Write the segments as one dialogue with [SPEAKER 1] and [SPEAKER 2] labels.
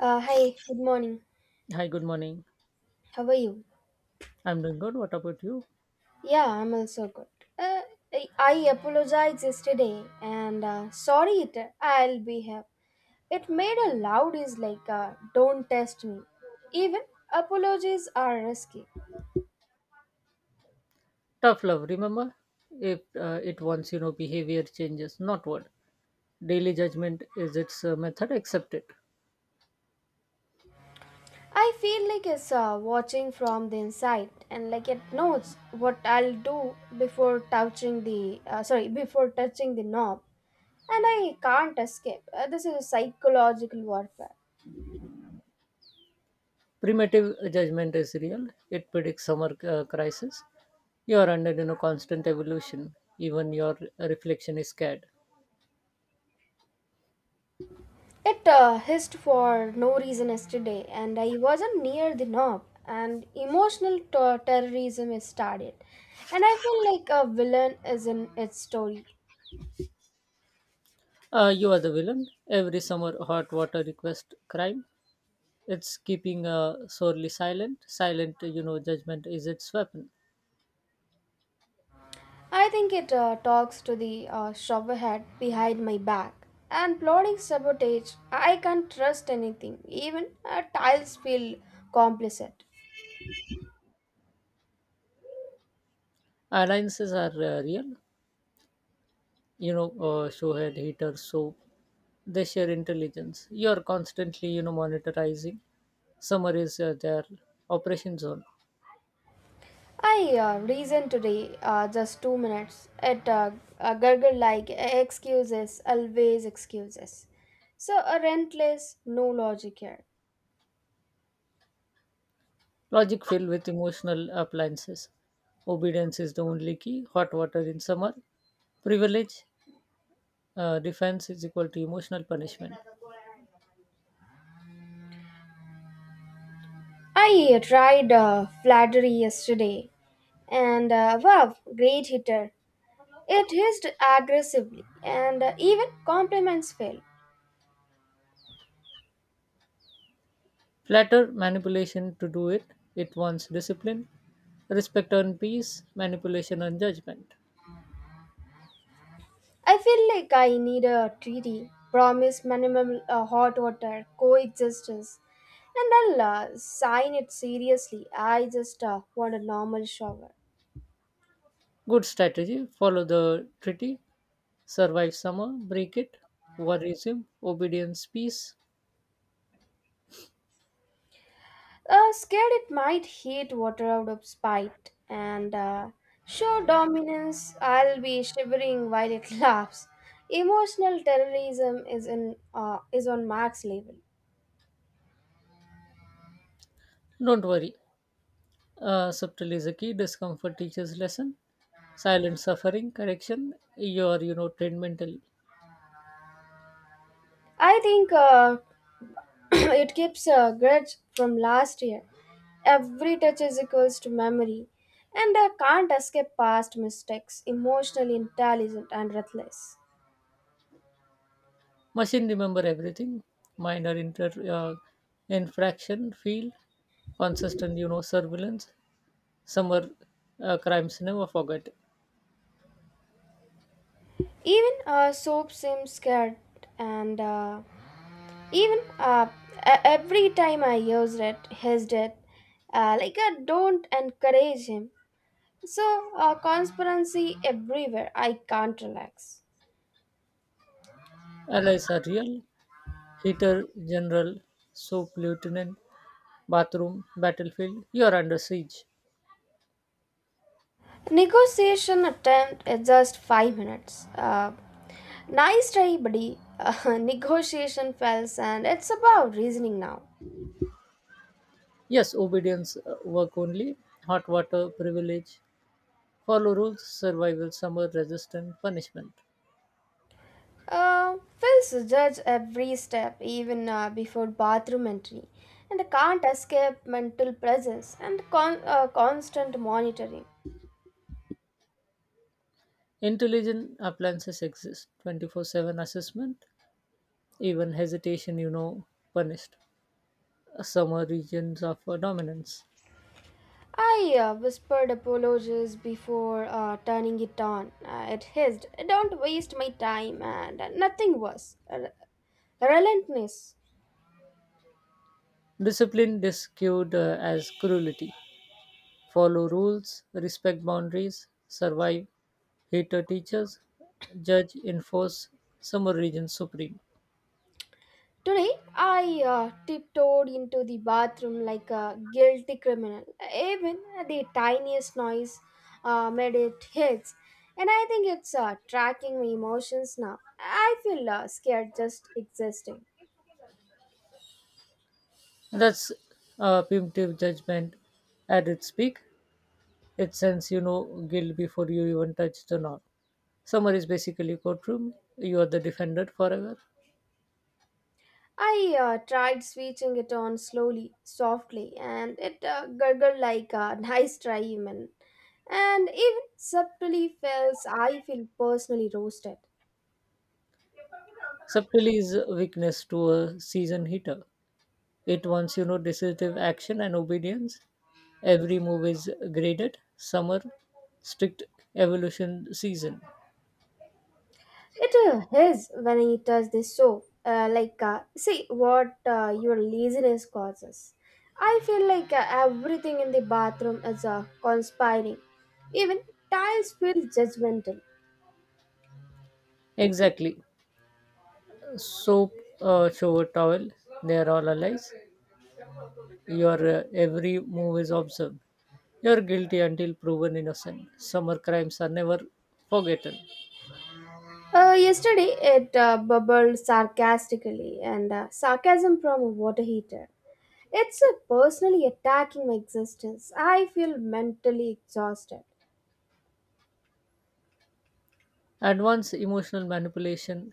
[SPEAKER 1] Hi, good morning.
[SPEAKER 2] Hi, good morning.
[SPEAKER 1] How are you?
[SPEAKER 2] I'm doing good. What about you?
[SPEAKER 1] Yeah, I'm also good. Uh, I apologized yesterday and sorry, it, I'll be here. It made a loud is like, don't test me. Even apologies are risky.
[SPEAKER 2] Tough love. Remember, if it wants, behavior changes, not word. Daily judgment is its method. Accept it.
[SPEAKER 1] I feel like it's watching from the inside and like it knows what I'll do before touching the, sorry, before touching the knob. And I can't escape. This is a psychological warfare.
[SPEAKER 2] Primitive judgment is real. It predicts summer crisis. You are under, constant evolution. Even your reflection is scared.
[SPEAKER 1] It hissed for no reason yesterday, and I wasn't near the knob. And emotional terrorism is started, and I feel like a villain is in its story.
[SPEAKER 2] You are the villain. Every summer hot water request crime. It's keeping sorely silent. Silent, judgment is its weapon.
[SPEAKER 1] I think it talks to the shovelhead behind my back and plotting sabotage. I can't trust anything, even tiles feel complicit.
[SPEAKER 2] Alliances are real. Showhead haters, so they share intelligence. You are constantly, monitorizing. Summer is their operation zone.
[SPEAKER 1] I reasoned today, just 2 minutes, it a gurgle like excuses, always excuses. So, a rentless, no logic here.
[SPEAKER 2] Logic filled with emotional appliances. Obedience is the only key. Hot water in summer privilege. Defense is equal to emotional punishment.
[SPEAKER 1] I tried flattery yesterday, and wow, great hitter. It hissed aggressively, and even compliments failed.
[SPEAKER 2] Flatter manipulation to do it. It wants discipline, respect on peace, manipulation on judgment.
[SPEAKER 1] I feel like I need a treaty, promise minimum hot water, coexistence, and I'll sign it seriously. I just want a normal shower.
[SPEAKER 2] Good strategy, follow the treaty, survive summer, break it, war resume, obedience, peace.
[SPEAKER 1] Scared it might heat water out of spite, and show dominance, I'll be shivering while it laughs. Emotional terrorism is on max level.
[SPEAKER 2] Don't worry. Subtle is a key, discomfort teaches lesson, silent suffering, correction, you're, trained mentally.
[SPEAKER 1] I think it keeps a grudge from last year. Every touch is equals to memory, and I can't escape past mistakes. Emotionally intelligent and ruthless.
[SPEAKER 2] Machine remember everything, minor inter, uh, infraction, feel, consistent, surveillance, summer crimes never forget.
[SPEAKER 1] Even soap seems scared, and even uh, every time I used it, his it. Like I don't encourage him. So conspiracy everywhere. I can't relax.
[SPEAKER 2] Allies are real, heater, general, soap, lieutenant, bathroom, battlefield, you're under siege.
[SPEAKER 1] Negotiation attempt is just 5 minutes. Nice try, buddy. Negotiation fails, and it's about reasoning now.
[SPEAKER 2] Yes, obedience, work only, hot water, privilege, follow rules, survival, summer, resistance, punishment.
[SPEAKER 1] Uh, Phils judge every step, even before bathroom entry, and can't escape mental presence and constant monitoring.
[SPEAKER 2] Intelligent appliances exist, 24/7 assessment, even hesitation, punished. Summer regions of dominance.
[SPEAKER 1] I whispered apologies before turning it on. It hissed, "Don't waste my time," and nothing was. Relentless.
[SPEAKER 2] Discipline discued as cruelty. Follow rules, respect boundaries, survive, hater teachers, judge, enforce, summer region supreme.
[SPEAKER 1] Today, I tiptoed into the bathroom like a guilty criminal. Even the tiniest noise made it hits, and I think it's tracking my emotions now. I feel scared just existing.
[SPEAKER 2] That's punitive judgment at its peak. It sends, guilt before you even touch the knot. Summer is basically courtroom. You are the defendant forever.
[SPEAKER 1] I tried switching it on slowly, softly, and it gurgled like a nice try, even. And even subtly feels I feel personally roasted.
[SPEAKER 2] Subtlety is a weakness to a season hitter. It wants, decisive action and obedience. Every move is graded. Summer, strict evolution season.
[SPEAKER 1] It is when it does this so. See what your laziness causes. I feel like everything in the bathroom is conspiring. Even tiles feel judgmental.
[SPEAKER 2] Exactly. Soap, shower towel, they are all allies. Your every move is observed. You're guilty until proven innocent. Summer crimes are never forgotten.
[SPEAKER 1] Yesterday, it bubbled sarcastically, and sarcasm from a water heater. It's personally attacking my existence. I feel mentally exhausted.
[SPEAKER 2] And once emotional manipulation,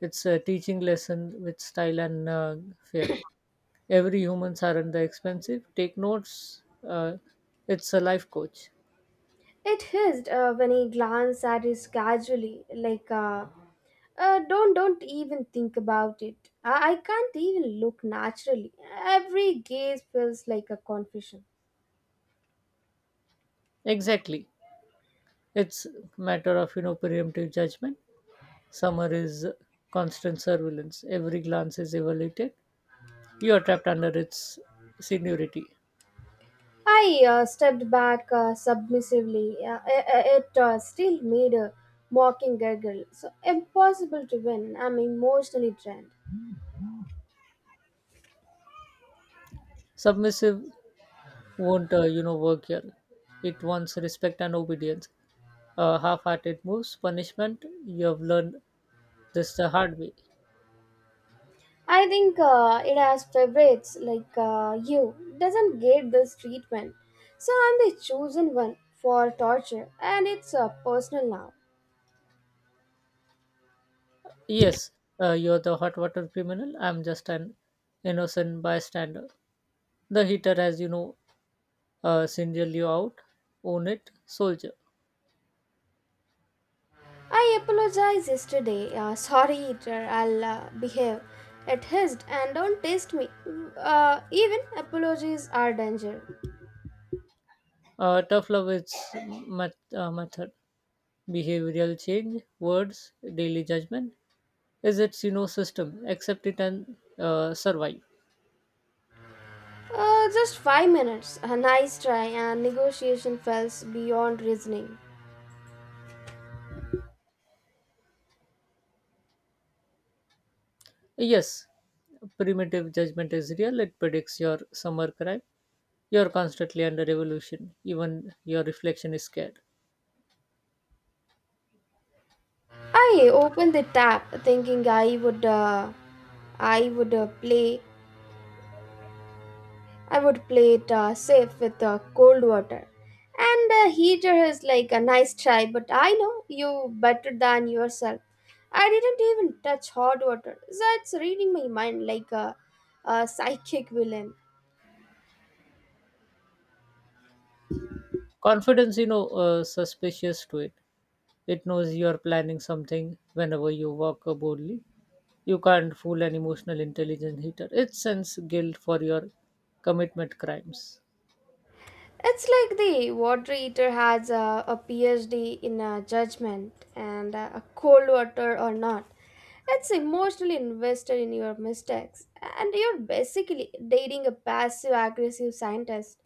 [SPEAKER 2] it's a teaching lesson with style and fear. Every humans aren't the expensive. Take notes. Uh, it's a life coach.
[SPEAKER 1] It hissed when he glanced at it casually, like, don't even think about it. I can't even look naturally. Every gaze feels like a confession.
[SPEAKER 2] Exactly. It's matter of, preemptive judgment. Summer is constant surveillance. Every glance is evaluated. You are trapped under its seniority.
[SPEAKER 1] I stepped back submissively. It still made a mocking gurgle. So impossible to win. I'm emotionally drained.
[SPEAKER 2] Submissive won't, work here. It wants respect and obedience. Half-hearted moves punishment. You have learned this the hard way.
[SPEAKER 1] I think it has favorites like you doesn't get this treatment, so I'm the chosen one for torture, and it's personal now.
[SPEAKER 2] Yes, you're the hot water criminal. I'm just an innocent bystander. The heater has, singled you out. Own it, soldier.
[SPEAKER 1] I apologize yesterday. Sorry, eater. I'll behave. It hissed and don't test me. Even apologies are danger.
[SPEAKER 2] Tough love is method, behavioral change words, daily judgment is its, system. Accept it and survive.
[SPEAKER 1] Just 5 minutes. A nice try and negotiation fails beyond reasoning.
[SPEAKER 2] Yes, primitive judgment is real. It predicts your summer cry. You're constantly under evolution. Even your reflection is scared.
[SPEAKER 1] I opened the tap thinking I would uh, play I would play it safe with cold water. And a heater is like a nice try, but I know you better than yourself. I didn't even touch hot water. That's reading my mind like a psychic villain.
[SPEAKER 2] Confidence, suspicious to it. It knows you're planning something whenever you walk boldly. You can't fool an emotional intelligence hater. It sends guilt for your commitment crimes.
[SPEAKER 1] It's like the water heater has a PhD in judgment and a cold water or not. It's emotionally invested in your mistakes, and you're basically dating a passive aggressive scientist.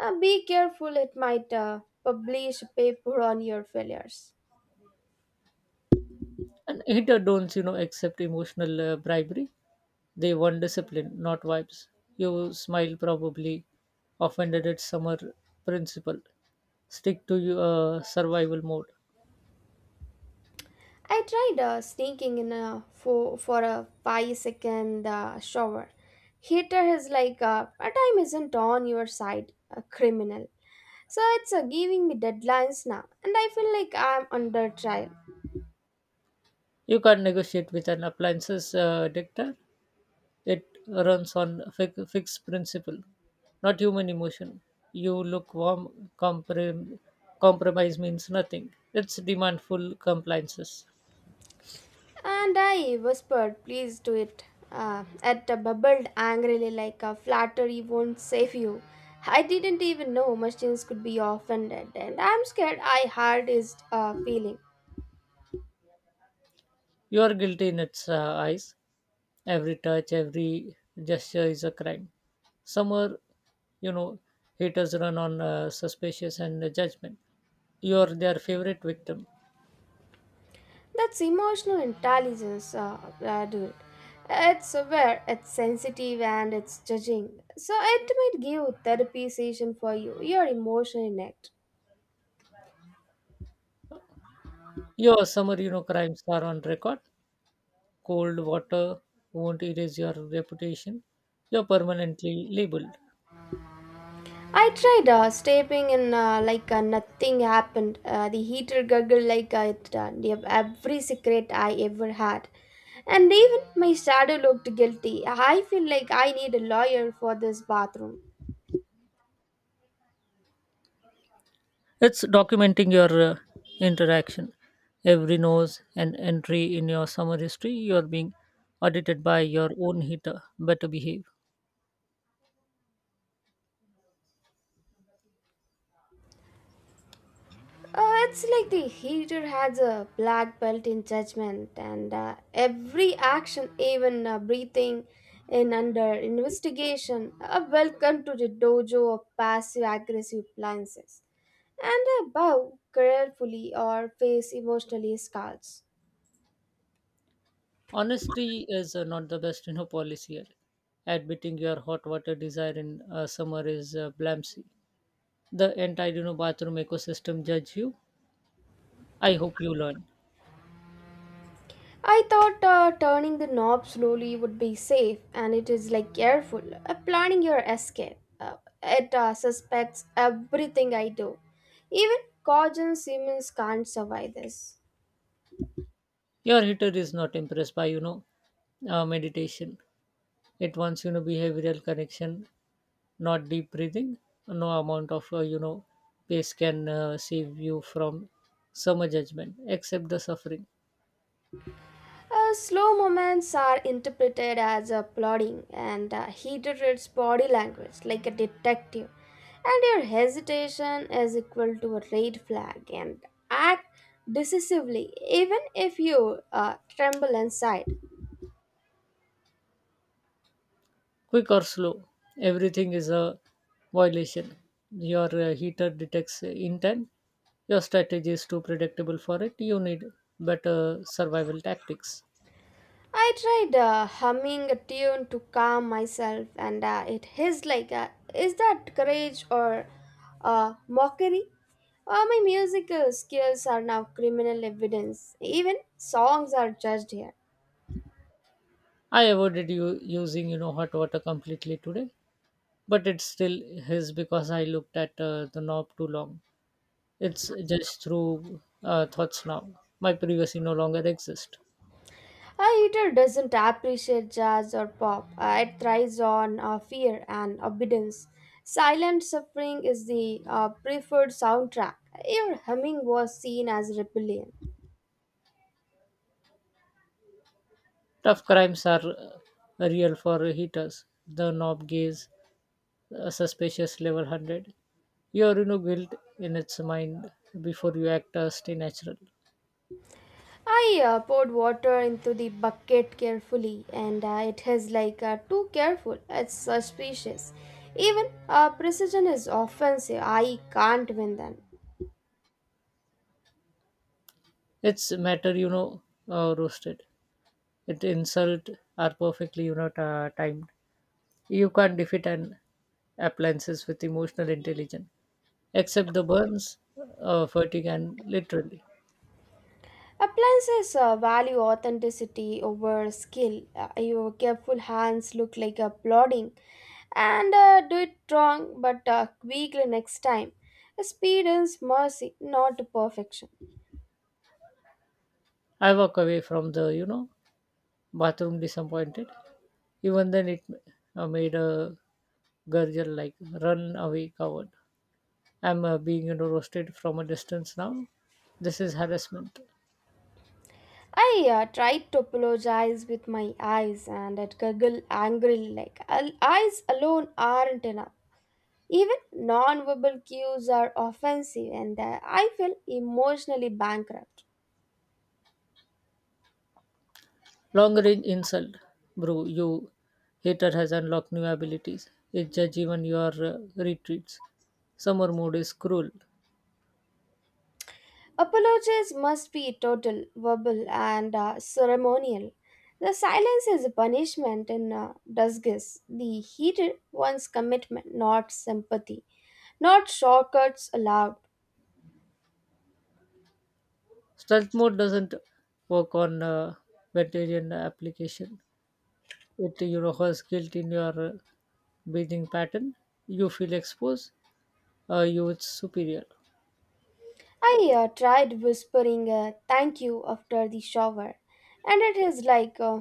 [SPEAKER 1] Be careful, it might publish a paper on your failures.
[SPEAKER 2] And hater don't, accept emotional bribery. They want discipline, not vibes. You smile probably offended at summer principle. Stick to your survival mode.
[SPEAKER 1] I tried sneaking in for a 5 second shower. Heater is like, a time isn't on your side, a criminal. So it's giving me deadlines now, and I feel like I'm under trial.
[SPEAKER 2] You can't negotiate with an appliances dictator. It runs on fixed principle, not human emotion. You look warm, compromise means nothing. It's demandful compliances.
[SPEAKER 1] And I whispered, Please do it. It bubbled angrily like a flattery won't save you. I didn't even know machines could be offended, and I'm scared I had his feeling.
[SPEAKER 2] You are guilty in its eyes. Every touch, every gesture is a crime. Some are, you know, haters run on suspicious and judgment. You are their favorite victim.
[SPEAKER 1] That's emotional intelligence, dude. It's aware, it's sensitive, and it's judging. So it might give therapy session for you, your emotional neck.
[SPEAKER 2] Your summer, crimes are on record. Cold water won't erase your reputation. You're permanently labeled.
[SPEAKER 1] I tried stepping in like nothing happened. The heater gurgled like it gave every secret I ever had. And even my shadow looked guilty. I feel like I need a lawyer for this bathroom.
[SPEAKER 2] It's documenting your interaction. Every nose and entry in your summer history, you're being audited by your own hitter. Better behave.
[SPEAKER 1] It's like the heater has a black belt in judgment, and every action, even breathing in under investigation, are welcome to the dojo of passive aggressive appliances. And bow carefully or face emotionally scars.
[SPEAKER 2] Honesty is not the best, policy here. Admitting your hot water desire in summer is blamsy. The entire, bathroom ecosystem judge you. I hope you learn.
[SPEAKER 1] I thought turning the knob slowly would be safe, and it is like careful, planning your escape. It suspects everything I do. Even Cajun Siemens can't survive this.
[SPEAKER 2] Your heater is not impressed by, meditation. It wants, behavioral connection, not deep breathing. No amount of, pace can save you from summer judgment, except the suffering.
[SPEAKER 1] Slow moments are interpreted as a plotting, and he reads body language like a detective. And your hesitation is equal to a red flag, and act decisively, even if you tremble inside.
[SPEAKER 2] Quick or slow, everything is a violation. Your heater detects intent. Your strategy is too predictable for it. You need better survival tactics.
[SPEAKER 1] I tried humming a tune to calm myself, and it hissed like, is that courage or mockery? My musical skills are now criminal evidence. Even songs are judged here.
[SPEAKER 2] I avoided you using, hot water completely today, but it's still his because I looked at the knob too long. It's just through thoughts now. My privacy no longer exists.
[SPEAKER 1] A eater doesn't appreciate jazz or pop, it thrives on fear and obedience. Silent suffering is the preferred soundtrack. Your humming was seen as rebellion.
[SPEAKER 2] Tough crimes are real for heaters. The knob gaze, suspicious level 100. You are, built in its mind before you act. Stay natural.
[SPEAKER 1] I poured water into the bucket carefully, and it is like too careful. It's suspicious. Even precision is offensive. I can't win them.
[SPEAKER 2] Its matter, roasted. It insult are perfectly, timed. You can't defeat an appliances with emotional intelligence, except the burns, fatigue, and literally.
[SPEAKER 1] Appliances value authenticity over skill. Your careful hands look like a plodding, and do it wrong but quickly next time. Speed is mercy, not perfection.
[SPEAKER 2] I walk away from the, bathroom disappointed. Even then it made a gurgle like run away coward. I'm being, roasted from a distance now. This is harassment.
[SPEAKER 1] I tried to apologize with my eyes and I'd giggle angrily like "Al- eyes alone aren't enough. Even non-verbal cues are offensive and I feel emotionally bankrupt.
[SPEAKER 2] Long range insult. Bro, you hater has unlocked new abilities. It judge even your retreats. Summer mode is cruel.
[SPEAKER 1] Apologies must be total, verbal and ceremonial. The silence is a punishment in disguise. The heated one's commitment, not sympathy. Not shortcuts allowed.
[SPEAKER 2] Stealth mode doesn't work on vegetarian application. It, has guilt in your breathing pattern. You feel exposed. You it's superior.
[SPEAKER 1] I tried whispering thank you after the shower, and it is like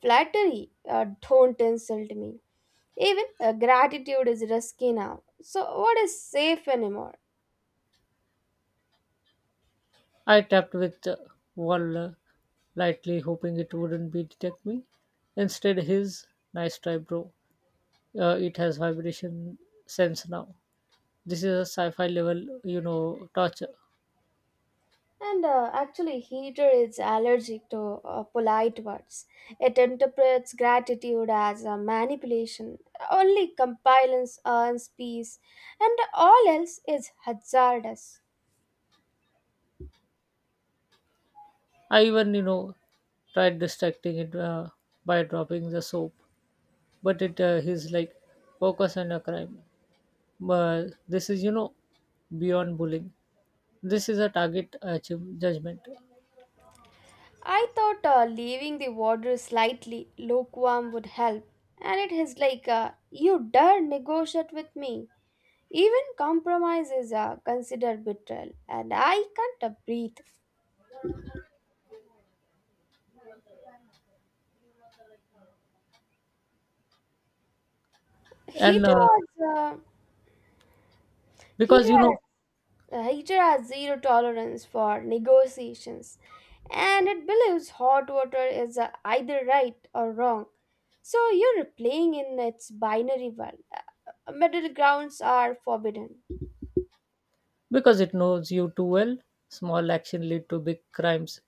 [SPEAKER 1] flattery. Don't insult me. Even gratitude is risky now. So, what is safe anymore?
[SPEAKER 2] I tapped with one wall lightly, hoping it wouldn't be detect me. Instead, his nice try, bro. It has vibration sense now. This is a sci-fi level, torture.
[SPEAKER 1] And actually, heater is allergic to polite words. It interprets gratitude as a manipulation. Only compliance earns peace, and all else is hazardous.
[SPEAKER 2] I even, tried distracting it by dropping the soap, but it is like focus on a crime. But this is, beyond bullying. This is a target judgment,
[SPEAKER 1] I thought leaving the water slightly lukewarm would help, and it is like you dare negotiate with me. Even compromise is considered betrayal, and I can't breathe.
[SPEAKER 2] and
[SPEAKER 1] Heater has, uh,
[SPEAKER 2] because,
[SPEAKER 1] heater has, Heater has zero tolerance for negotiations, and it believes hot water is either right or wrong. So you're playing in its binary world. Middle grounds are forbidden.
[SPEAKER 2] because it knows you too well, small action lead to big crimes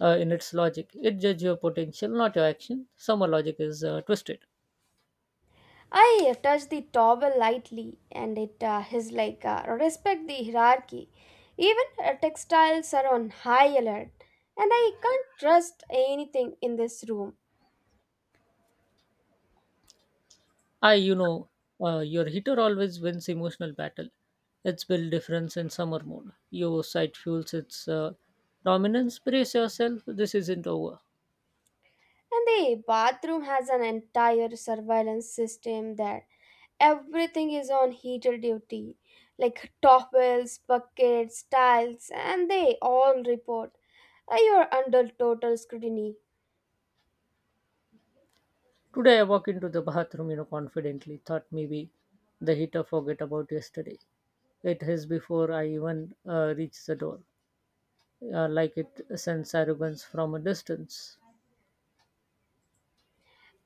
[SPEAKER 2] in its logic. It judges your potential, not your action. Summer logic is twisted.
[SPEAKER 1] I touch the towel lightly and it is like respect the hierarchy. Even textiles are on high alert and I can't trust anything in this room.
[SPEAKER 2] I, you know, your heater always wins emotional battle. It's build difference in summer mode. Your site fuels its dominance. Brace yourself. This isn't over.
[SPEAKER 1] And the bathroom has an entire surveillance system there. Everything is on heater duty like towels, buckets, tiles, and they all report. You're under total scrutiny.
[SPEAKER 2] Today I walk into the bathroom, confidently. Thought maybe the heater forget about yesterday. It is before I even reach the door, like it sends arrogance from a distance.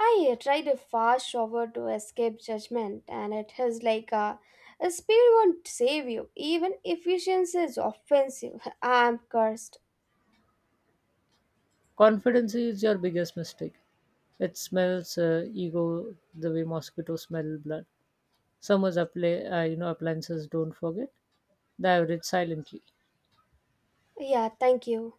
[SPEAKER 1] I tried a fast shower to escape judgment, and it is like a speed won't save you. Even efficiency is offensive. I'm cursed.
[SPEAKER 2] Confidence is your biggest mistake. It smells ego the way mosquitoes smell blood. Summer's appliances don't forget. They average silently.
[SPEAKER 1] Yeah, thank you.